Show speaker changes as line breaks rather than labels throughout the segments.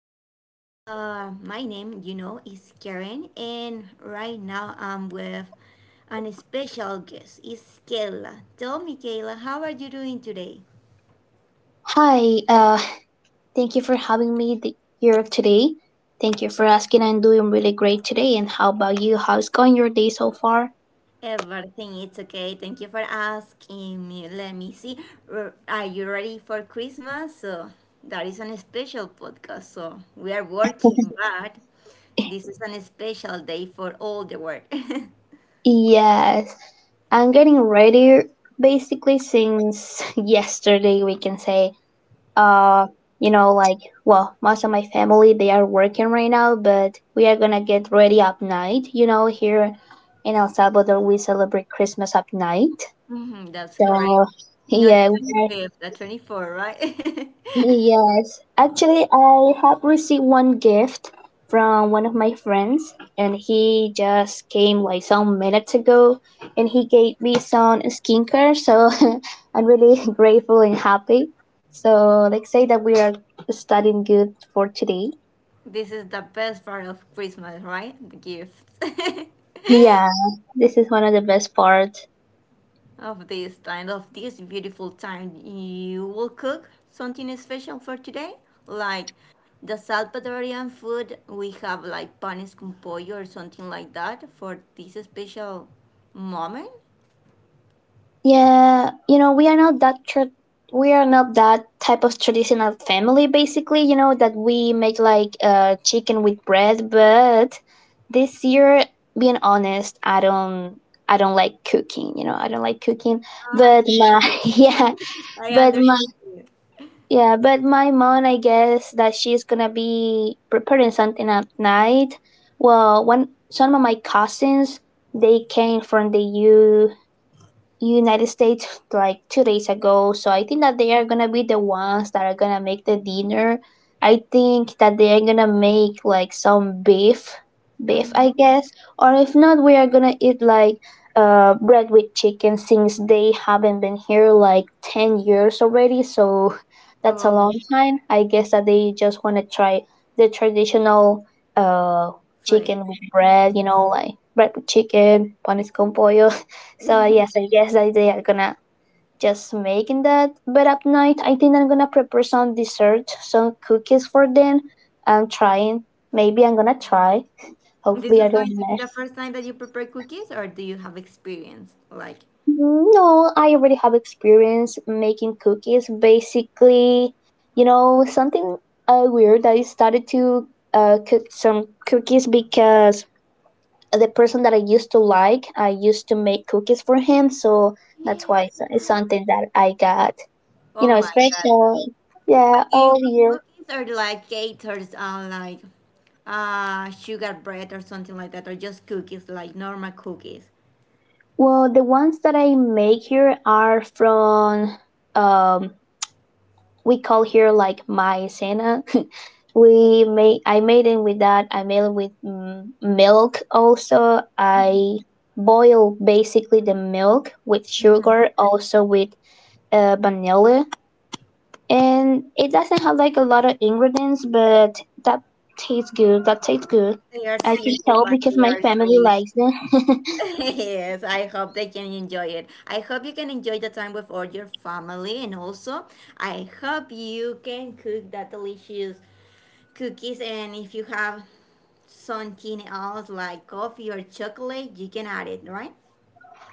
podcast. My name, is Karen, and right now I'm with an special guest. It's Kayla. Tell me, Kayla, how are you doing today?
Hi, thank you for having me here today. Thank you for asking. I'm doing really great today. And how about you? How's going your day so far?
Everything is okay. Thank you for asking me. Let me see. Are you ready for Christmas? So that is an special podcast. So we are working, but this is an special day for all the world.
Yes, I'm getting ready basically since yesterday, we can say. Uh, you know, like, well, most of my family, they are working right now, but we are gonna get ready at night. You know, here in El Salvador, we celebrate Christmas at night.
Mm-hmm, that's correct.
So,
Not the
yeah,
25th, the 24th, right?
yes, actually, I have received one gift from one of my friends, and he just came like some minutes ago, and he gave me some skincare. So I'm really grateful and happy. So let's say that we are starting good for today.
This is the best part of Christmas, right? The gifts.
Yeah, this is one of the best parts.
Of this time, of this beautiful time, you will cook something special for today? Like the Salvadorian food, we have like panes con pollo or something like that for this special moment?
Yeah, you know, we are not we are not that type of traditional family basically, you know, that we make like chicken with bread, but this year being honest, I don't like cooking, you know, I don't like cooking,
Ah,
but my
I
but my
understand.
yeah, but my mom, I guess that she's going to be preparing something at night. Well, one some of my cousins, they came from the United States like 2 days ago. So I think that they are gonna be the ones that are gonna make the dinner. I think that they are gonna make like some beef, beef I
Mm-hmm.
guess, or if not, we are gonna eat like bread with chicken since they haven't been here like 10 years already. So that's a
Oh,
long time. I guess that they just wanna try the traditional uh
food.
chicken with bread,
Mhm.
you know, like bread with chicken, panes con pollo. So yes, I guess that they are gonna just making that. But at night, I think I'm gonna prepare some dessert, some cookies for them. I'm trying. Maybe I'm gonna try.
This
Hopefully,
is
I don't
going to be the
mess.
first time that you prepare cookies, or do you have experience? Like,
No, I already have experience making cookies. Basically, you know, something weird, that I started to cook some cookies because the person that I used to like, I used to make cookies for him. So that's why it's something that I got, you
oh
know,
my God.
special.
But
Yeah,
do you
all year.
cook cookies or like cakes or like sugar bread or something like that, or just cookies, like normal cookies?
Well, the ones that I make here are from um we call here like maicena. we made I made it with that. I made it with milk also. I boil basically the milk with
Mhm.
sugar also with vanilla, and it doesn't have like a lot of ingredients, but that tastes good. That tastes good.
They are
I can
simple,
tell
but
because
they
my
are
family
delicious.
likes it.
Yes, I hope they can enjoy it. I hope you can enjoy the time with all your family, and also I hope you can cook that delicious cookies and if you have something else like coffee or chocolate, you can add it, right?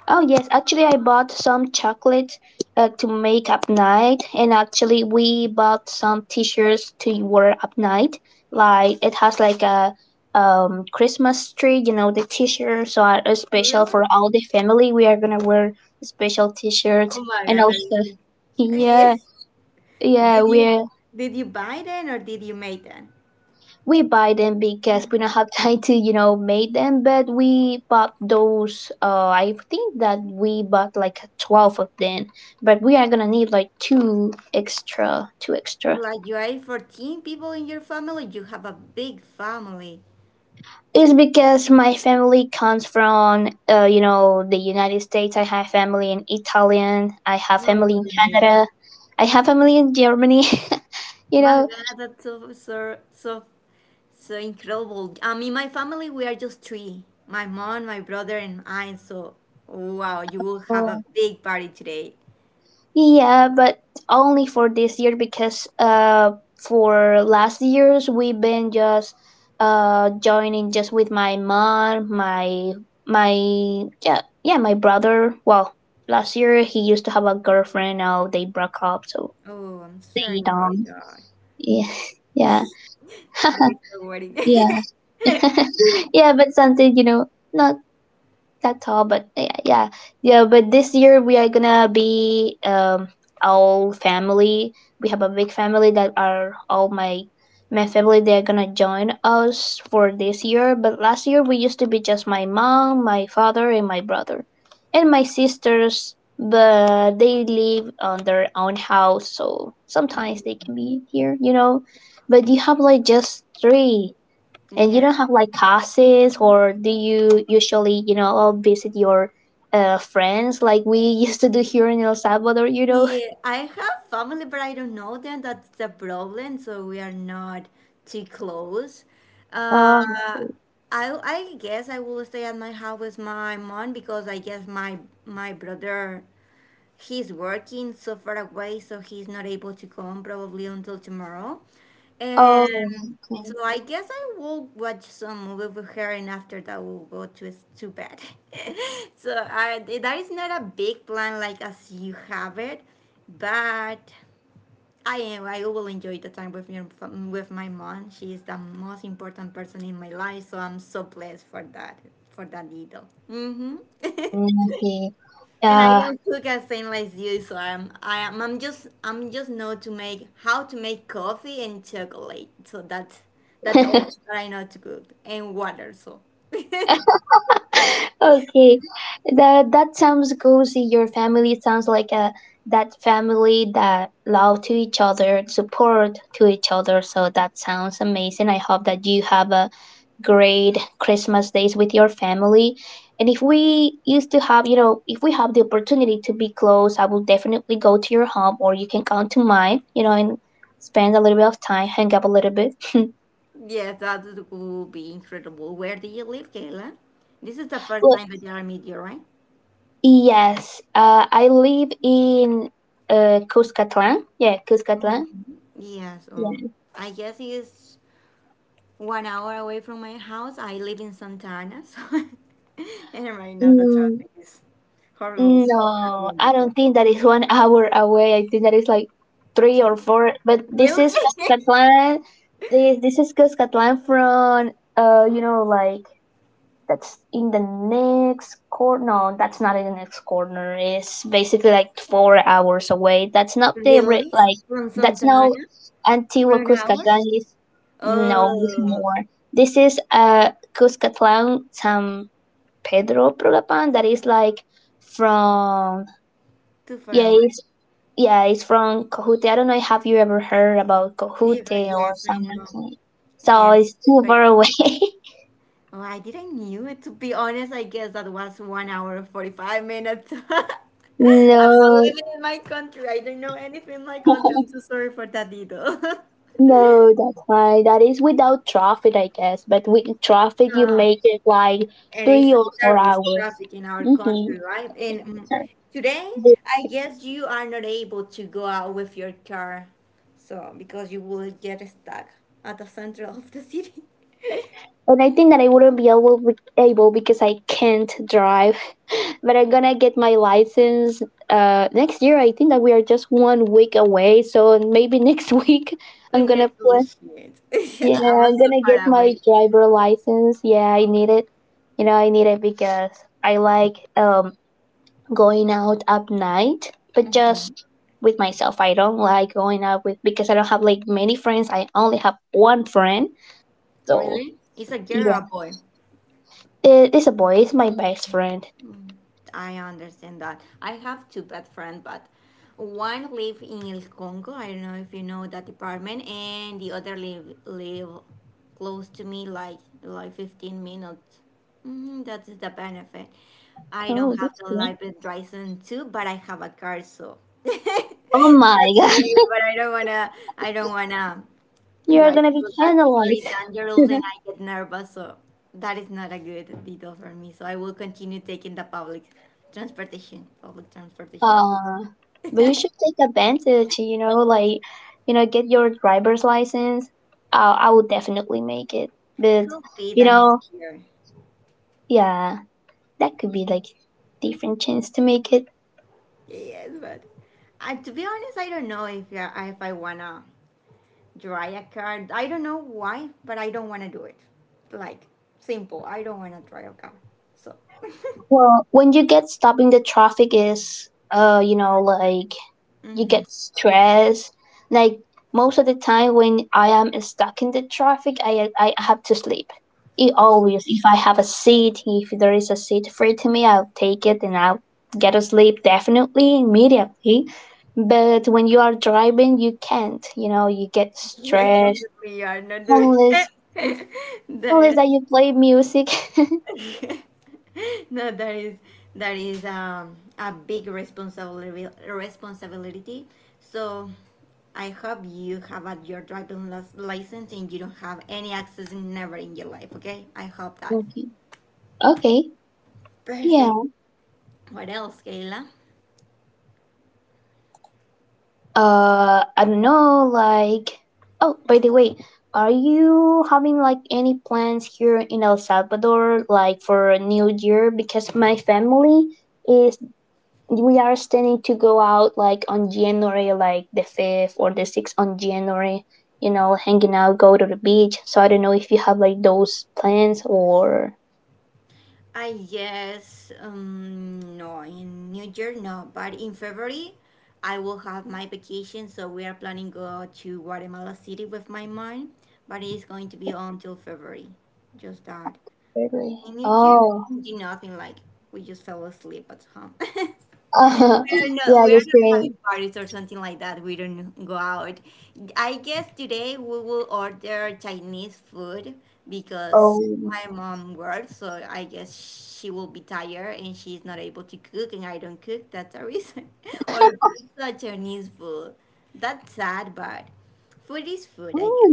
Oh yes, actually I bought some chocolate to make up night, and actually we bought some t-shirts to wear up night. Like it has like a Christmas tree, you know, the t-shirt, so are special for
Really?
all the family. We are going to wear special t-shirt,
Oh my
and
God, that
also
is like,
yeah,
yes.
yeah,
Did you
we
did you buy them or did you make them?
we buy them because we don't have time to, you know, make them, but we bought those. I think that we bought like 12 of them, but we are gonna need like two extra, two extra.
Like you are 14 people in your family, you have a big family.
It's because my family comes from, you know, the United States. I have family in Italian, I have family in
No.
Canada, I have family in Germany. You
My
know,
God, that's so incredible. In my family, we are just three: my mom, my brother, and I. So, wow, you will have
Uh,
a big party today.
yeah, but only for this year, because for last years we've been just joining just with my mom, my yeah my brother. Well, last year he used to have a girlfriend. Now they broke up, so
Oh, I'm
they
sorry for
don't.
that.
Yeah, yeah,
There is no worry.
yeah, yeah. But something, you know, not that's all, but yeah, yeah, yeah, but this year we are gonna be all family. We have a big family that are all my, my family, they're gonna join us for this year, but last year we used to be just my mom, my father, and my brother and my sisters, but they live on their own house, so sometimes they can be here, you know. But you have like just three, and you
Yeah.
don't have like classes, or do you usually, you know, all visit your friends like we used to do here in El Salvador, you know?
Yeah, I have family, but I don't know them. That's the problem. So we are not too close. Uh,
Um,
I I guess I will stay at my house with my mom because I guess my brother he's working so far away, so he's not able to come probably until tomorrow. And
oh, okay.
so I guess I will watch some movie with her, and after that we'll go to bed. So I, that is not a big plan like as you have it, but I am. I will enjoy the time with your, with my mom. She is the most important person in my life, so I'm so blessed for that little. Mm-hmm.
Mm, okay.
And I
Yeah.
don't cook as same as you, so I'm I am I'm just know to make how to make coffee and chocolate. So that's all that I know to cook and water. So yes,
Okay. That sounds cozy. Your family sounds like a that family that love to each other, support to each other. So that sounds amazing. I hope that you have a great Christmas days with your family. And if we used to have, you know, if we have the opportunity to be close, I will definitely go to your home, or you can come to mine, you know, and spend a little bit of time, hang up a little bit.
that would be incredible. Where do you live, Kayla? This is the first
Well,
time that I meet you, right?
yes, I live in Cuscatlan. Yeah, Cuscatlan.
Yeah. So
Yeah.
I guess it's 1 hour away from my house. I live in Santana, so and right now the
Mm,
traffic is horrible. So that
no, I
won't be
don't think that is 1 hour away. I think that is like three or
possible.
four. But this is
Really?
Cuscatlan. This is Cuscatlan from you know, like that's in the next corner. No, that's not in the next corner. It's basically like 4 hours away. That's not
Really?
like
From
that's
Santana?
not
For
Antigua
an hour?
Cuscatlan. Is no, it's
Oh,
more. This is Cuscatlan San Pedro Prograpan. That is like from
too far
yeah,
away.
it's yeah, it's from Cohute. I don't know. Have you ever heard about
Yeah,
Cohute
but
or
yes,
San
I know.
Martin? So
Yes.
it's too
But
far away.
oh, I didn't knew it. To be honest, I guess that was 1 hour and 45 minutes. I'm not
No,
living in my country. I don't know anything in my country. I'm so sorry for that, Dido.
no, that's fine. That is without traffic, I guess. But with traffic, you
Ah.
make it like
And
three
it's a
or four
terrible
hours.
traffic in our
Mm-hmm.
country, right? And today, I guess you are not able to go out with your car, so because you will get stuck at the center of the city.
And I think that I wouldn't be able because I can't drive. But I'm gonna get my license next year. I think that we are just 1 week away, so maybe next week I'm gonna
Congratulations!
yeah,
I'm
I'm
so
gonna get
far
my
away.
driver license. Yeah, I need it. You know, I need it because I like going out at night, but just with myself. I don't like going out with because I don't have like many friends. I only have one friend, so
Really? It's a girl or a boy?
it is a boy. Is my best friend.
I understand that. I have two best friends, but one live in El Congo. I don't know if you know that department, and the other live close to me, like 15 minutes. Mm, that is the benefit. I don't
Oh,
have
that's
the
great!
license driving too, but I have a car, so
Oh my
that's
god.
weird. But I don't wanna. I don't wanna.
You're
Right,
gonna be
because that's very
penalized.
dangerous and I get nervous, so that is not a good detail for me. So I will continue taking the public transportation. Public transportation
Uh, but you should take advantage. You know, like you know, get your driver's license. I would definitely make it. But
could be
you
the next
know,
year.
yeah, that could be like different chance to make it.
Yes, but to be honest, I don't know if I wanna drive a car. I don't know why, but I don't wanna do it. Like simple, I don't wanna drive a car. So.
Well, when you get stopped in the traffic is, you know, like you get stressed. Like most of the time when I am stuck in the traffic, I have to sleep. It
Oh
always if I have a seat, if there is a seat free to me, I'll take it and I'll get to sleep definitely immediately. But when you are driving, you can't. You know, you get
yes,
stressed
obviously you are not doing
unless
it.
unless that you play music.
No, that is a big responsibility. So I hope you have a, your driving license and you don't have any accidents never in your life. Okay, I hope that.
Okay. Okay.
Perfect.
Yeah.
What else, Kayla?
I don't know, like. Oh, by the way, are you having like any plans here in El Salvador, like for a new year? Because my family is, we are standing to go out like on January, like the 5th or the 6th on January, you know, hanging out, go to the beach. So I don't know if you have like those plans or.
I yes, no, in New Year, no, but in February, I will have my vacation, so we are planning go to Guatemala City with my mom, but it's going to be until February, just that.
Really?
In New Year,
Oh,
we did do nothing like we just fell asleep at home.
yeah,
We are
just
not
saying.
having parties or something like that. We don't go out. I guess today we will order Chinese food because
Oh.
my mom works, so I guess she will be tired and she's not able to cook, and I don't cook. That's the reason. Or pizza Chinese food. That's sad, but food is food, I guess.
Oh,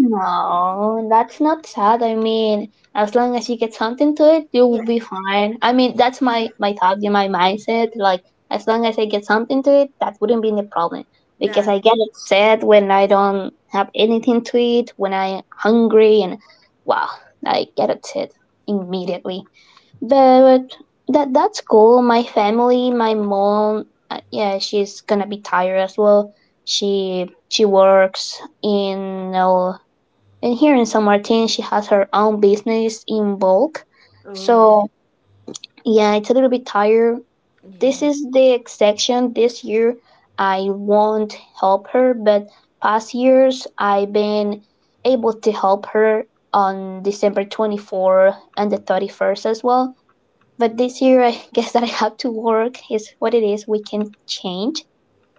no, that's not sad. I mean, as long as you get something to it, you'll
Yes.
be fine. I mean, that's my, my thought in my mindset. Like, as long as I get something to it, that wouldn't be the problem. Because I
That's
get upset when I don't have anything to eat, when I'm hungry, and wow, I get upset immediately. But that's cool. My family, my mom, yeah, she's gonna be tired as well. She works in, you know, and here in San Martin, she has her own business in bulk.
oh
So yeah, it's a little bit tired. This
yes.
is the exception this year. I won't help her, but past years I've been able to help her on December 24 and the 31st as well. But this year I guess that I have to work is what it is. We can change,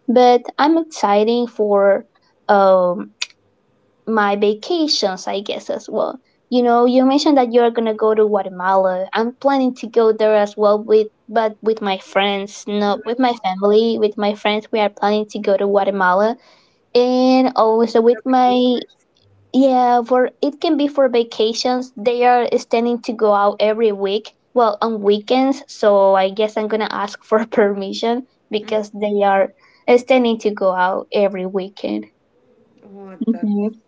but I'm excited for um my vacations, I guess, as well. You know, you mentioned that you're gonna go to Guatemala. I'm planning to go there as well with but with my friends, not with my
Really?
family. With my friends we are planning to go to Guatemala. And also with
Your
my
vacations?
yeah, for it can be for vacations. They are standing to go out every week. Well, on weekends, so I guess I'm gonna ask for permission
Mm.
because they are standing to go out every weekend.
Oh, that's
Hmm,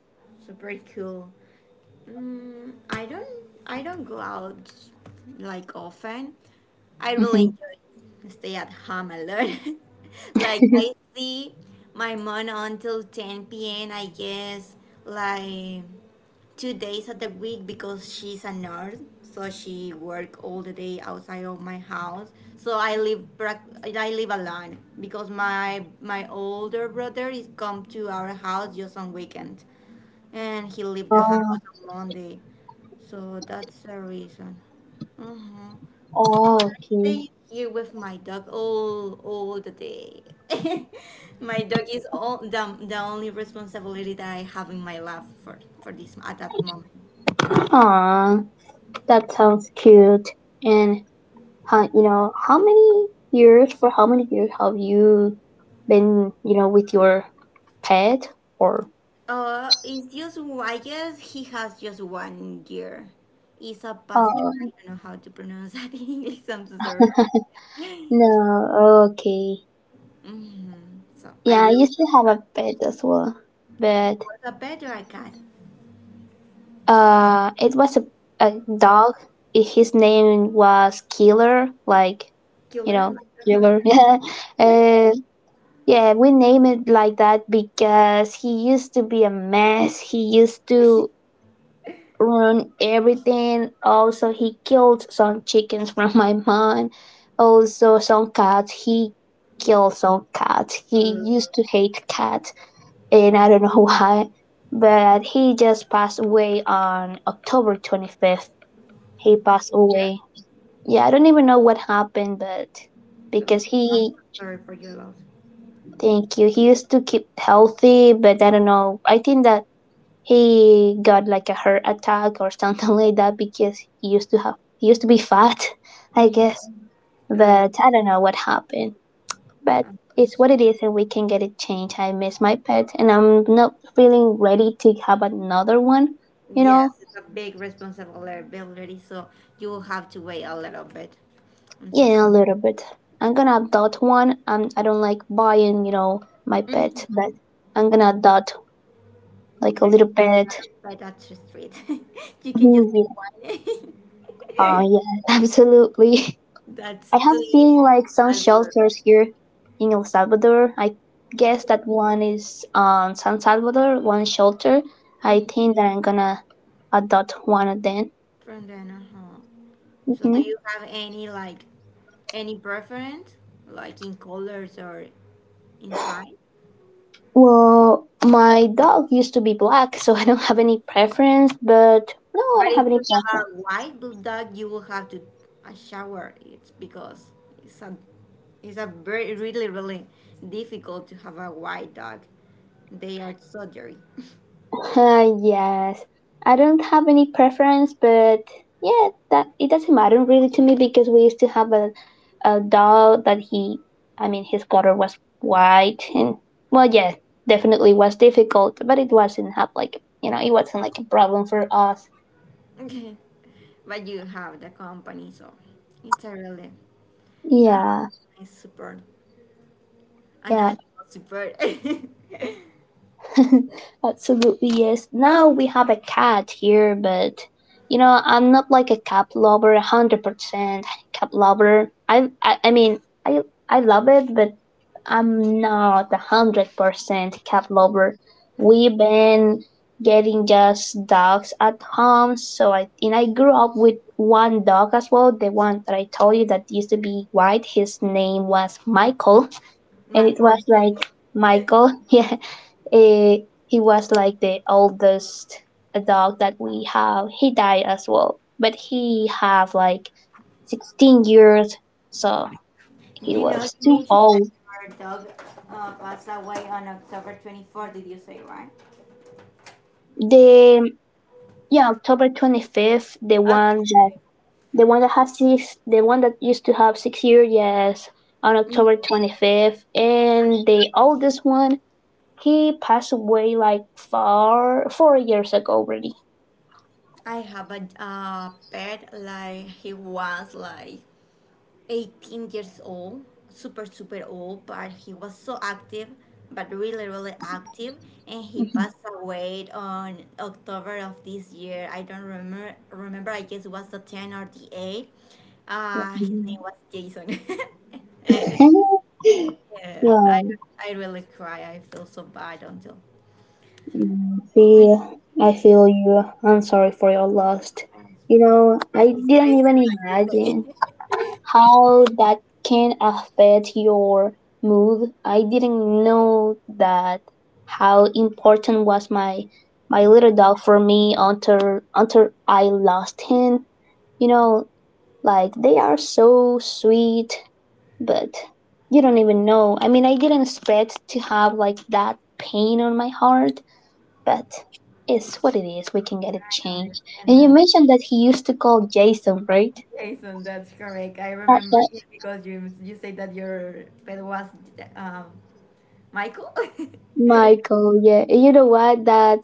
super cool. Mm, I don't I don't go out like often. I
hmm.
really enjoy stay at home a lot. Like I see my mom until 10 p.m. I guess like 2 days of the week because she's a nurse so she work all the day outside of my house so I live I live alone because my older brother is come to our house just on weekend and he leave the house on monday so that's the reason mm-hmm.
Oh, okay.
Stay here with my dog all the day. My dog is the only responsibility that I have in my life for this at that moment.
Aw, that sounds cute. And how you know how many years for how many years have you been, you know, with your pet or?
It's just I guess he has just 1 year. It's a pastor. I
Oh,
don't know how to pronounce that in English. I'm so sorry. Hmm.
no, okay.
So I
Yeah, I
really
used to
love
have
that.
a pet as well, but
What a better I got.
it was a dog. His name was Killer, like you know,
Killer. Like,
Killer. uh, Yeah, we name it like that because he used to be a mess. He used to ruin everything. Also, he killed some chickens from my mom. Also, some cats. He killed some cats. He used to hate cats, and I don't know why. But he just passed away on October 25th. He passed away. Yeah, I don't even know what happened, but
uh,
because
I'm
he
so sorry for your loss.
Thank you. He used to keep healthy, but I don't know. I think that he got like a heart attack or something like that because he used to be fat, I
Mhm.
guess.
Uh,
But I don't know what happened. But
I'm so
it's what it
sorry.
is, and we can get it changed. I miss my pet, and I'm not feeling ready to have another one. You know,
Yes, it's a big responsibility, so you will have to wait a little bit. I'm so
yeah, a little bit. I'm gonna adopt one. I don't like buying, you know, my
sorry.
pet, but I'm gonna adopt like a
There
little
is a lot
pet.
by that street. You can just take
Mhm.
one.
Yeah, absolutely. I
That's
have
too easy.
seen like some
I'll be
shelters
right
here in El Salvador. I
back.
guess that one is on San Salvador, one shelter. I
Mhm.
think that I'm gonna adopt one of them.
From then, uh-huh. So do
Mhm.
you have any like any preference, like in colors or inside?
Well, my dog used to be black, so I don't have any preference, but no, I
But
don't
if
have any
you have
preference.
a white bulldog, you will have to shower it because it's a very really difficult to have a white dog. They are so dirty.
Yes, I don't have any preference, but yeah, that it doesn't matter really to me because we used to have a dog that he, I mean, his color was white, and well, yeah, definitely was difficult, but it wasn't have like it wasn't like a problem for us.
Okay. But you have the company, so it's a really uh,
Yeah,
nice support. An
yeah,
animal support.
absolutely, yes. Now we have a cat here, but you know, I'm not like a cat lover, 100% cat lover. I mean, I, I love it, but I'm not a 100% cat lover. We've been getting just dogs at home, so and I grew up with one dog as well, the one that I told you that used to be white. His name was Michael, and it
Michael,
was like Michael. Yeah. Eh, he was like the oldest dog that we have. He died as well, but he have like 16 years, so he
you know, you
was too
mentioned that
old.
your dog passed away on October 24th, did you say, right?
The Yeah, October 25th, the
Uh,
one that the one that has six, the one that used to have 6 years, yes, on October 25th, and the oldest one, he passed away like four four years ago already.
I have a pet, like, he was like 18 years old, super, super old, but he was so active, but really, really active. And he
Mhm.
passed away on October of this year. I don't remember I guess it was the 10 or the 8. His name was Jason. Yes,
yeah,
I really cry. I feel so bad until. Yes,
I feel you. I'm sorry for your loss. You know, I
it's
didn't
racist,
even
like you
imagine
say.
how that can affect your mood. I didn't know that how important was my little dog for me until I lost him. You know, like they are so sweet, but you don't even know. I mean, I didn't expect to have like that pain on my heart, but it's what it is. We can get it
I
changed.
understand
And you
that?
mentioned that he used to call Jason, right?
Jason, that's correct. I
Uh,
remember
uh,
him because you said that your pet was um, Michael.
Michael, yeah. And you know what? That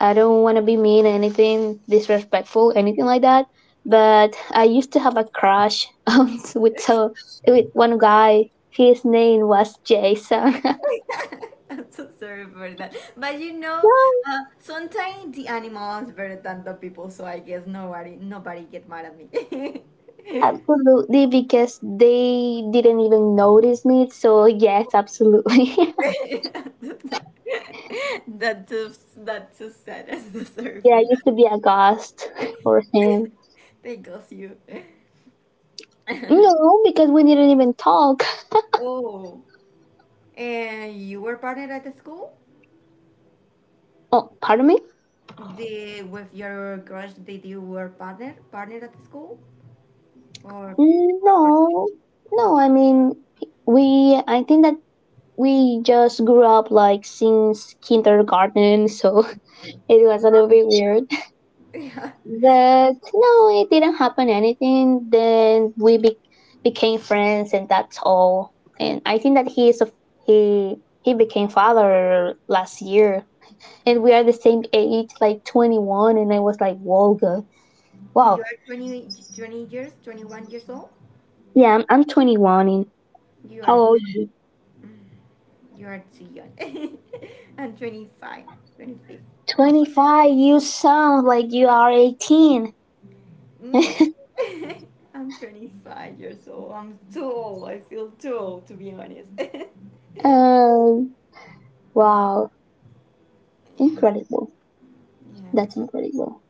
I don't want to be mean, anything disrespectful, anything like that. But I used to have a crush with one guy. His name was Jason.
I'm so sorry for that. But you know, sometimes the animal is better than the people, so I guess nobody get mad at me.
Absolutely, because they didn't even notice me. So yes, absolutely.
That's so, that's so sad. I'm so sorry
yeah,
for
I
that.
used to be a ghost for him.
They ghost you.
No, because we didn't even talk.
Oh, and you were partnered at the school?
Oh, pardon me?
The with your crush, did you were partner at the school or, or partner?
No, no, I mean, I think that we just grew up like since kindergarten, so it was a little bit weird.
Yeah?
But no, it didn't happen anything. Then we became friends, and that's all. And I think that he is a, he, he became father last year, and we are the same age, like 21. And I was like, whoa, good. Wow,
You are 20, 20 years, 21 years old.
yeah, I'm 21. And
You
how
are
old?
too young. I'm 25, 25, 25.
25. You sound like you are 18.
Mm. I'm 25 years old. I'm too old. I feel too old to be honest.
Um, wow, incredible. That's incredible.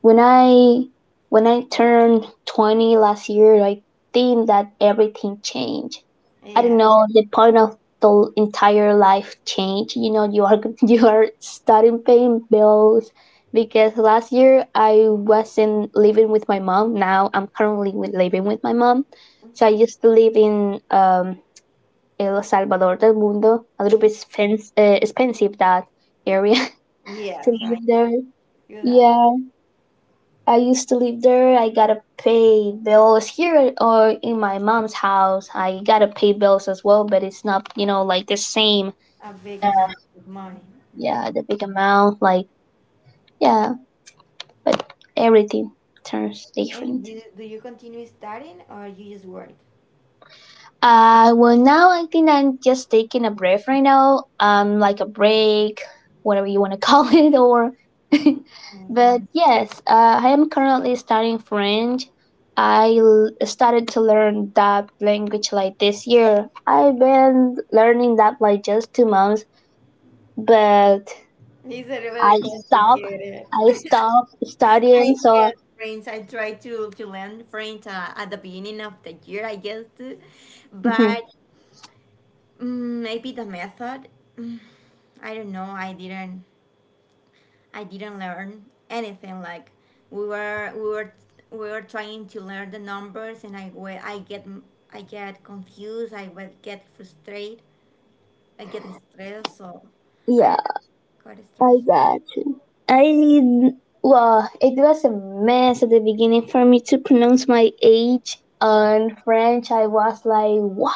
When I when I turned 20 last year, I think that everything changed.
Yes,
I don't
yes,
know, the point of the entire life change. You know, you are you are starting paying bills because last year I wasn't living with my mom. Now I'm currently living with my mom.
yeah.
So I
Hmm.
used to live in El Salvador del Mundo, a little bit expensive, that area to
Yes, I
live there.
can do that.
Yeah, I used to live there. I gotta pay bills here or in my mom's house. I gotta pay bills as well, but it's not, like the same.
A big
Uh,
amount of money.
Yeah,
Mhm.
the big amount. Like, yeah, but everything turns
And
different.
you do you continue studying or you just work?
Well, now I think I'm just taking a breath right now, like a break, whatever you want to call it, or.
Oh,
But
fine.
yes, I am currently studying French. I started to learn that language like this year. I've been learning that like just 2 months, but
These are very
I stopped.
complicated.
I stopped studying,
I
so
had French. I tried to learn French at the beginning of the year, I guess, too.
mhm,
But maybe the method. Mm, I don't know. I didn't. I didn't learn anything. Like we were, we were, we were trying to learn the numbers, and I get confused. I would get frustrated. I get stressed. So I
yeah,
don't. Got
like
stressed.
that. I Well, it was a mess at the beginning for me to pronounce my age. And French, I was like, what?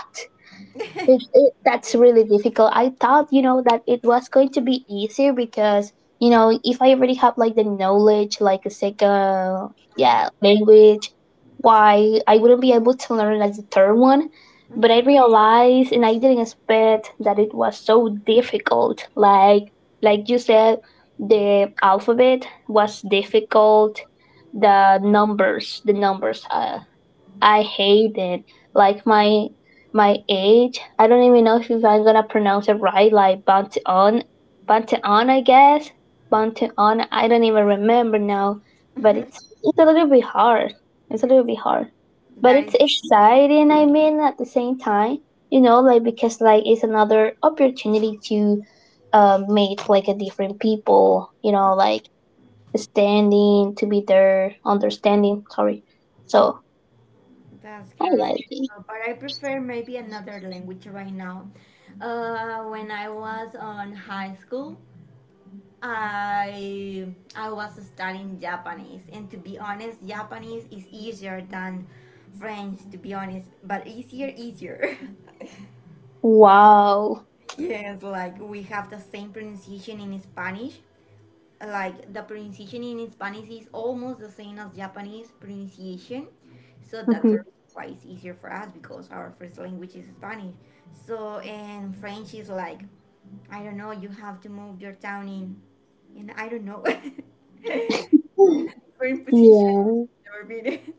That's really difficult. I thought, that it was going to be easier because, if I already have like the knowledge, like a second, yeah,
Lang-
language, why I wouldn't be able to learn like the third one. But I realized, and I didn't expect that it was so difficult. Like you said, the alphabet was difficult. The numbers, I hate it. Like my age, I don't even know if I'm gonna pronounce it right. Like Banteon, Banteon, I guess. Banteon. I don't even remember now, but it's a little bit hard. It's a little bit hard, but
That
it's
is
exciting. I mean, at the same time, you know, like because like it's another opportunity to meet like a different people. You know, like standing to be there, understanding. Sorry. So
that's
I like
correct.
it.
But I prefer maybe another language right now. When I was on high school, I I was studying Japanese, and to be honest, Japanese is easier than French. To be honest, but easier, easier.
Wow.
yes, like we have the same pronunciation in Spanish. Like the pronunciation in Spanish is almost the same as Japanese pronunciation, so that's the reason why it's easier for us, because our first language is Spanish. So and French is like, I don't know, you have to move your town in, and I don't know, in
Mhm.
a different position
Yeah.
than I've never been in.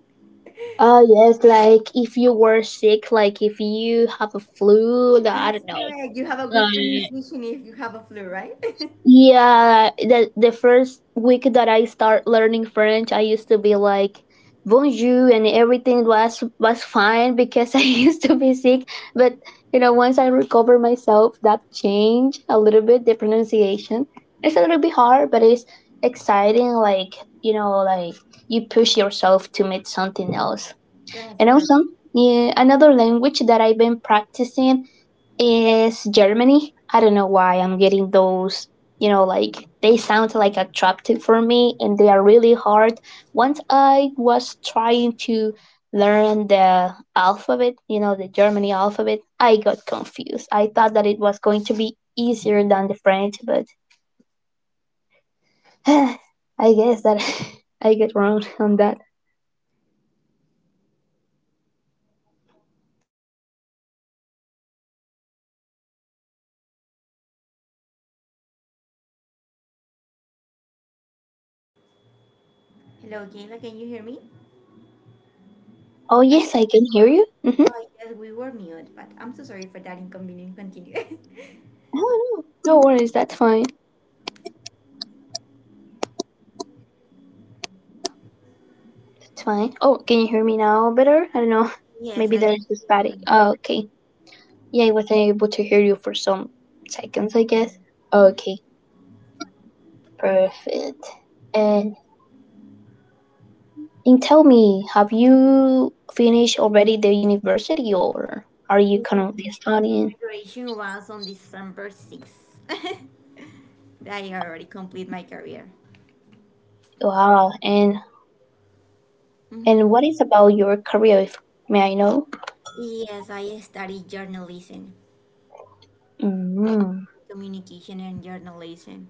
Oh, yes. Like if you were sick, like if you have a flu, I
That's
don't
correct. You have a
know.
good pronunciation if you have a flu, right?
Yeah, the first week that I start learning French, I used to be like bonjour and everything was fine because I used to be sick, but you know, once I recover myself, that changed a little bit the pronunciation. It's a little bit hard, but it's exciting like, you know, like you push yourself to meet something else.
That's
And also,
correct.
yeah, another language that I've been practicing is Germany. I don't know why I'm getting those, you know, like they sound like attractive for me, and they are really hard. Once I was trying to learn the alphabet, you know, the Germany alphabet, I got confused. I thought that it was going to be easier than the French, but I guess that I get wrong on that.
Hello, Kayla, can you hear me?
Oh,
I,
yes, I can hear you. Mm-hmm.
oh, yes, we were mute, but I'm so sorry for that inconvenience. Continue.
Oh, no, no worries, that's fine. It's fine. Oh, can you hear me now better? I don't know.
yes,
Maybe
I can
there's a static.
remember.
Oh, okay. Yeah, I wasn't able to hear you for some seconds, I guess. Okay, perfect. And, and tell me, have you finished already the university, or are you
Yeah,
currently
my
studying?
graduation was on December 6th. I already complete my career.
Wow. And what is about your career, if may I know?
Yes, I studied journalism,
Mm.
communication and journalism.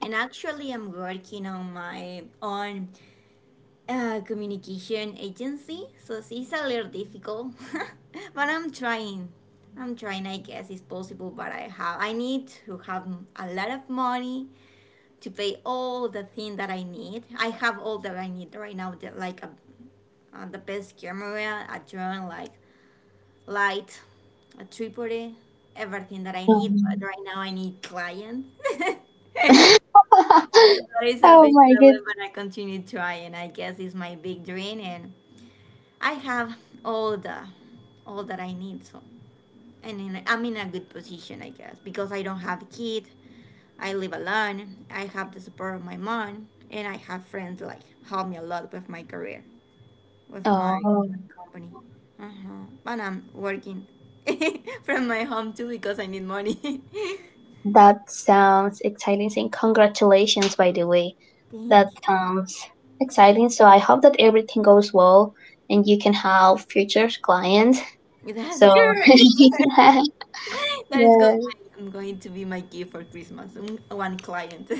And actually, I'm working on my own communication agency, so it's a little difficult, but I'm trying. I'm trying. I guess it's possible, but I have, I need to have a lot of money to pay all the thing that I need. I have all that I need right now, like a, the best camera, a drone, like light, a tripod, everything that I need. But
Um.
right now, I need client. so that is a
Oh
big
my god.
problem, but I continue trying. I guess it's my big dream. And I have all the all that I need. So, and in, I'm in a good position, I guess, because I don't have a kid. I live alone. I have the support of my mom, and I have friends like help me a lot with my career, with my
Oh.
company. Uh-huh. But I'm working from my home too because I need money.
That sounds exciting. And congratulations, by the way. That
Thank you.
sounds exciting. So I hope that everything goes well and you can have future clients.
That's
So,
great. that is good.
yeah,
I'm going to be my gift for Christmas. Mm, one client.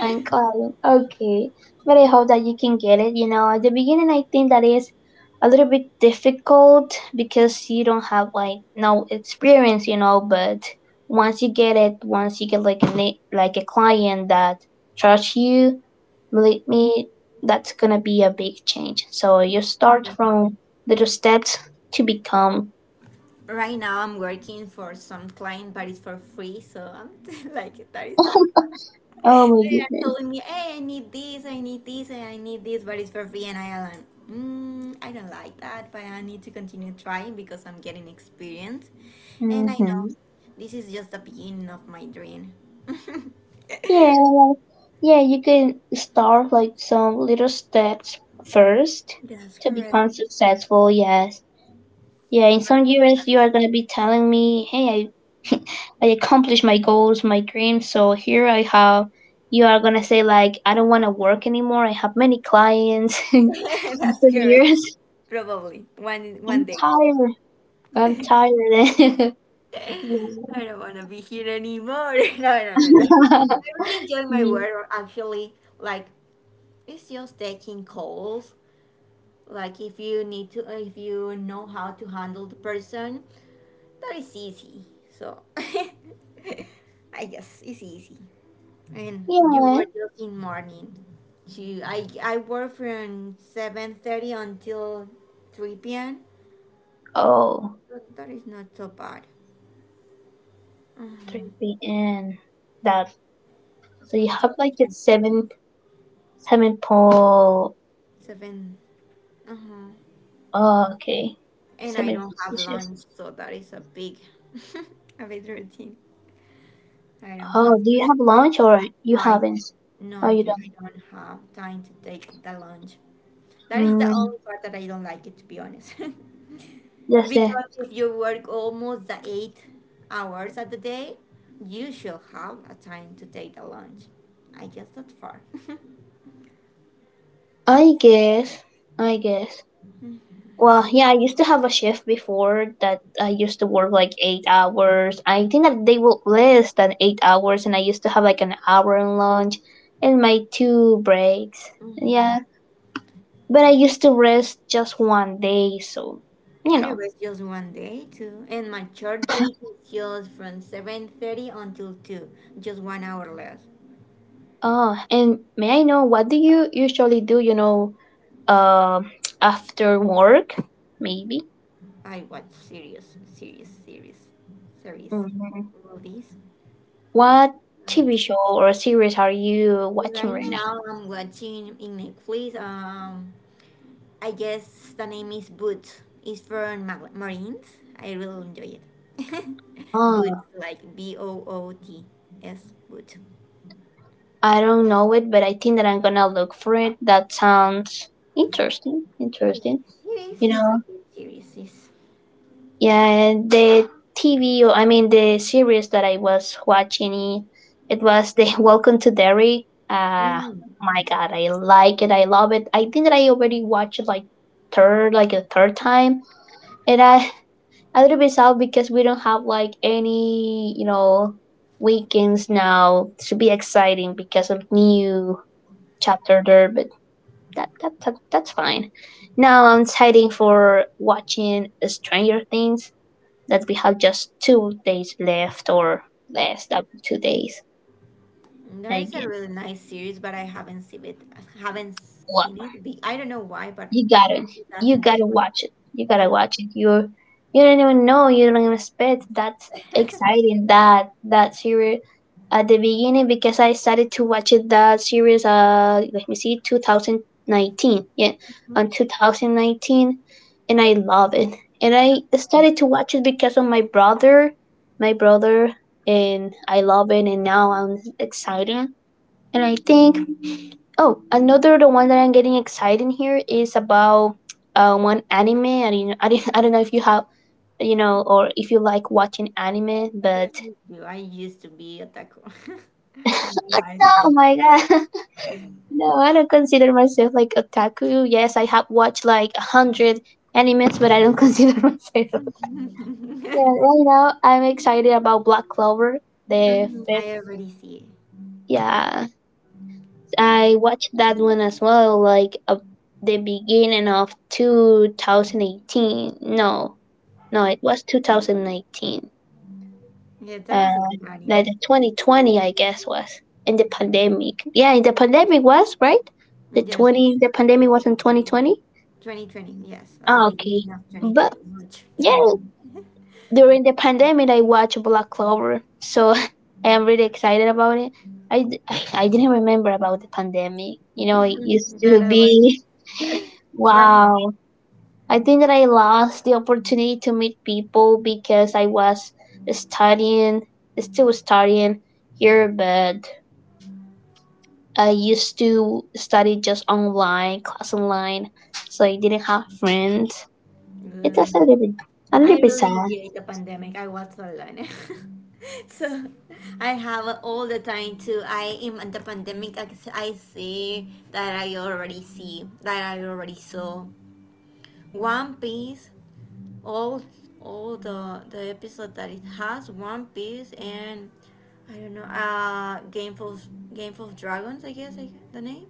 and client. Okay. But I hope that you can get it. You know, at the beginning, I think that is a little bit difficult because you don't have like no experience, you know, but once you get it, once you get like a client that trusts you, believe me, that's gonna be a big change. So you start from little steps to become.
Right now, I'm working for some client, but it's for free. So I'm like, that is so.
Oh my
They are
goodness.
telling me, hey, I need this, and I need this, but it's for free. And I am like, mm, I don't like that, but I need to continue trying because I'm getting experience. And I know
Mm-hmm.
this is just the beginning of my dream.
Yeah, well, yeah. You can start like some little steps first
That's
to
correct.
become successful. Yes. Yeah. In some years, you are gonna be telling me, "Hey, I, I accomplished my goals, my dreams. So here I have." You are gonna say like, "I don't want to work anymore. I have many clients." In
That's
some
correct.
years.
Probably one
I'm
one day.
tired. I'm tired. yeah.
I don't want to be here anymore. No, no, no, no. I really enjoy my
yeah.
work actually. Like it's just taking calls. Like if you need to, if you know how to handle the person, that is easy. So I guess it's easy. And you
Yeah.
were just in morning. You, I work from 7:30 until 3 p.m.
Oh,
But that is not so bad. Uh-huh.
p.m. That so you have
Until
like a seven seven pole.
seven. Uh-huh.
Oh, okay.
And I
Seven
don't have
shifts.
lunch, so that is a big, a big routine. I don't have
Oh,
lunch
do you have
today.
lunch or you
No, I don't.
haven't?
No,
Oh, you
you, I
don't.
don't have time to take the lunch. That is the
Mm,
only part that I don't like it, to be honest.
that's it.
because if you work almost the 8 hours of the day, you should have a time to take the lunch. I guess that far.
I guess. I guess. Well, yeah, I used to have a shift before that I used to work like 8 hours. I think that they were less than 8 hours, and I used to have like an hour in lunch and my two breaks.
Mhm.
Yeah, but I used to rest just one day, so you
I
know.
rest just one day too, and my church day is just from 7:30 until 2, just 1 hour less.
And may I know what do you usually do? Uh, After work, maybe.
I watch series, series,
Hmm,
movies.
what TV
But
show or series are you watching
right
right
now I'm watching in Netflix. I guess the name is Boots. It's from Marines. I really enjoy it. Boots,
now?
like Boots, Boot.
I don't know it, but I think that I'm gonna look for it. That sounds interesting.
Yes,
Interesting.
it is.
You
It's a
know,
good series.
yeah, the TV, or I mean, the series that I was watching, it was the Welcome to Derry.
It's
My God, I like it. I love it. I think that I already watched it like third, like a third time, and I a little bit sad because we don't have like any, you know, weekends now. It should be exciting because of new chapter there, but that's fine. Now I'm deciding for watching Stranger Things that we have just two days left or less than two days,
That
I
is a really
guess.
nice series, but I haven't seen it. I haven't
Wow.
seen it. I don't know why, but
You gotta,
it
you
doesn't take
gotta
my.
watch it. You gotta watch it. You don't even know. You don't even expect that's exciting. That series at the beginning because I started to watch it that series. Let me see, 2019. Yeah,
Hmm?
on 2019, and I love it. And I started to watch it because of my brother. My brother and I love it. And now I'm excited. And I think oh, another the one that I'm getting excited here is about one anime. I mean, I don't know if you have, you know, or if you like watching anime, but
Yes, me too. I used to be a taco. And then I
oh
was.
my God, no, I don't consider myself like otaku. Yes, I have watched like a hundred animes, but I don't consider myself. Yeah, right now I'm excited about Black Clover, the
Mm,
fifth.
I already see.
Yeah, I
Yeah,
watched that one as well, like the beginning of 2018. No, no, it was 2019.
yeah, that
Uh,
is a good
like the
anime.
2020, I guess was in the pandemic. Yeah, the pandemic was right.
Yes, it's
The pandemic was in 2020.
2020. Yes, at the
Ah, okay,
beginning of
but
2020, March
yeah,
2020.
during the pandemic I watched Black Clover, so I am really excited about it. I, d- I I didn't remember about the pandemic, you know. It used to
that I
be
was
wow. I think that I lost the opportunity to meet people because I was studying, still studying here, but I used to study just online class online, so I didn't have friends. It was
trying.
a
I
little bit sad.
really hate the pandemic. I was alone. so I have all the time to. I am in the pandemic. I see that I already see that I already saw One Piece. All all the episode that it has One Piece. And I don't know, Game of Dragons, I guess, I the name.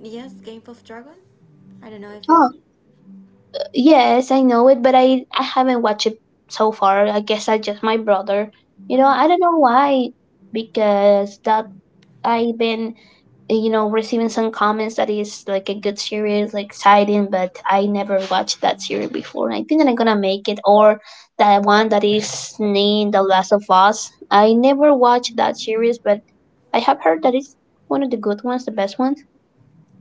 Yes, Game of Dragon. I don't know if you.
Oh, yes, I know it, but I haven't watched it so far. I guess I just my brother. You know, I
Mhm.
don't know why because that I've been, you know, receiving some comments that is like a good series, like exciting, but I never watched that series before. I think that I'm gonna make it or that one that is named The Last of Us. I never watched that series, but I have heard that it's one of the good ones, the best ones.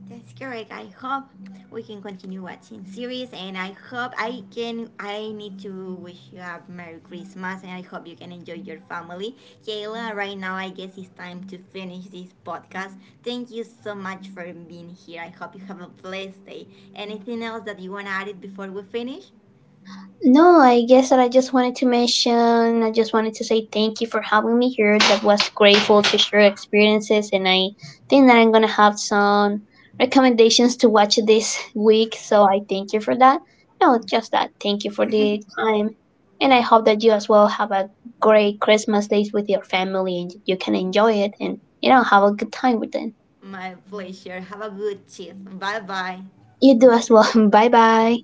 That's correct. I hope we can continue watching series, and I hope I can. I need to wish you a Merry Christmas, and I hope you can enjoy your family. Kayla, right now I guess it's time to finish this podcast. Thank you so much for being here. I hope you have a blessed day. Anything else that you want to add it before we finish?
No, I guess that I just wanted to mention, I just wanted to say thank you for having me here. That was grateful to share experiences, and I think that I'm going to have some recommendations to watch this week. So I thank you for that. No, just that. Thank you for the time. And I hope that you as well have a great Christmas days with your family and you can enjoy it and, you know, have a good time with them.
My pleasure. Have a good shift. Bye bye.
You do as well. Bye bye.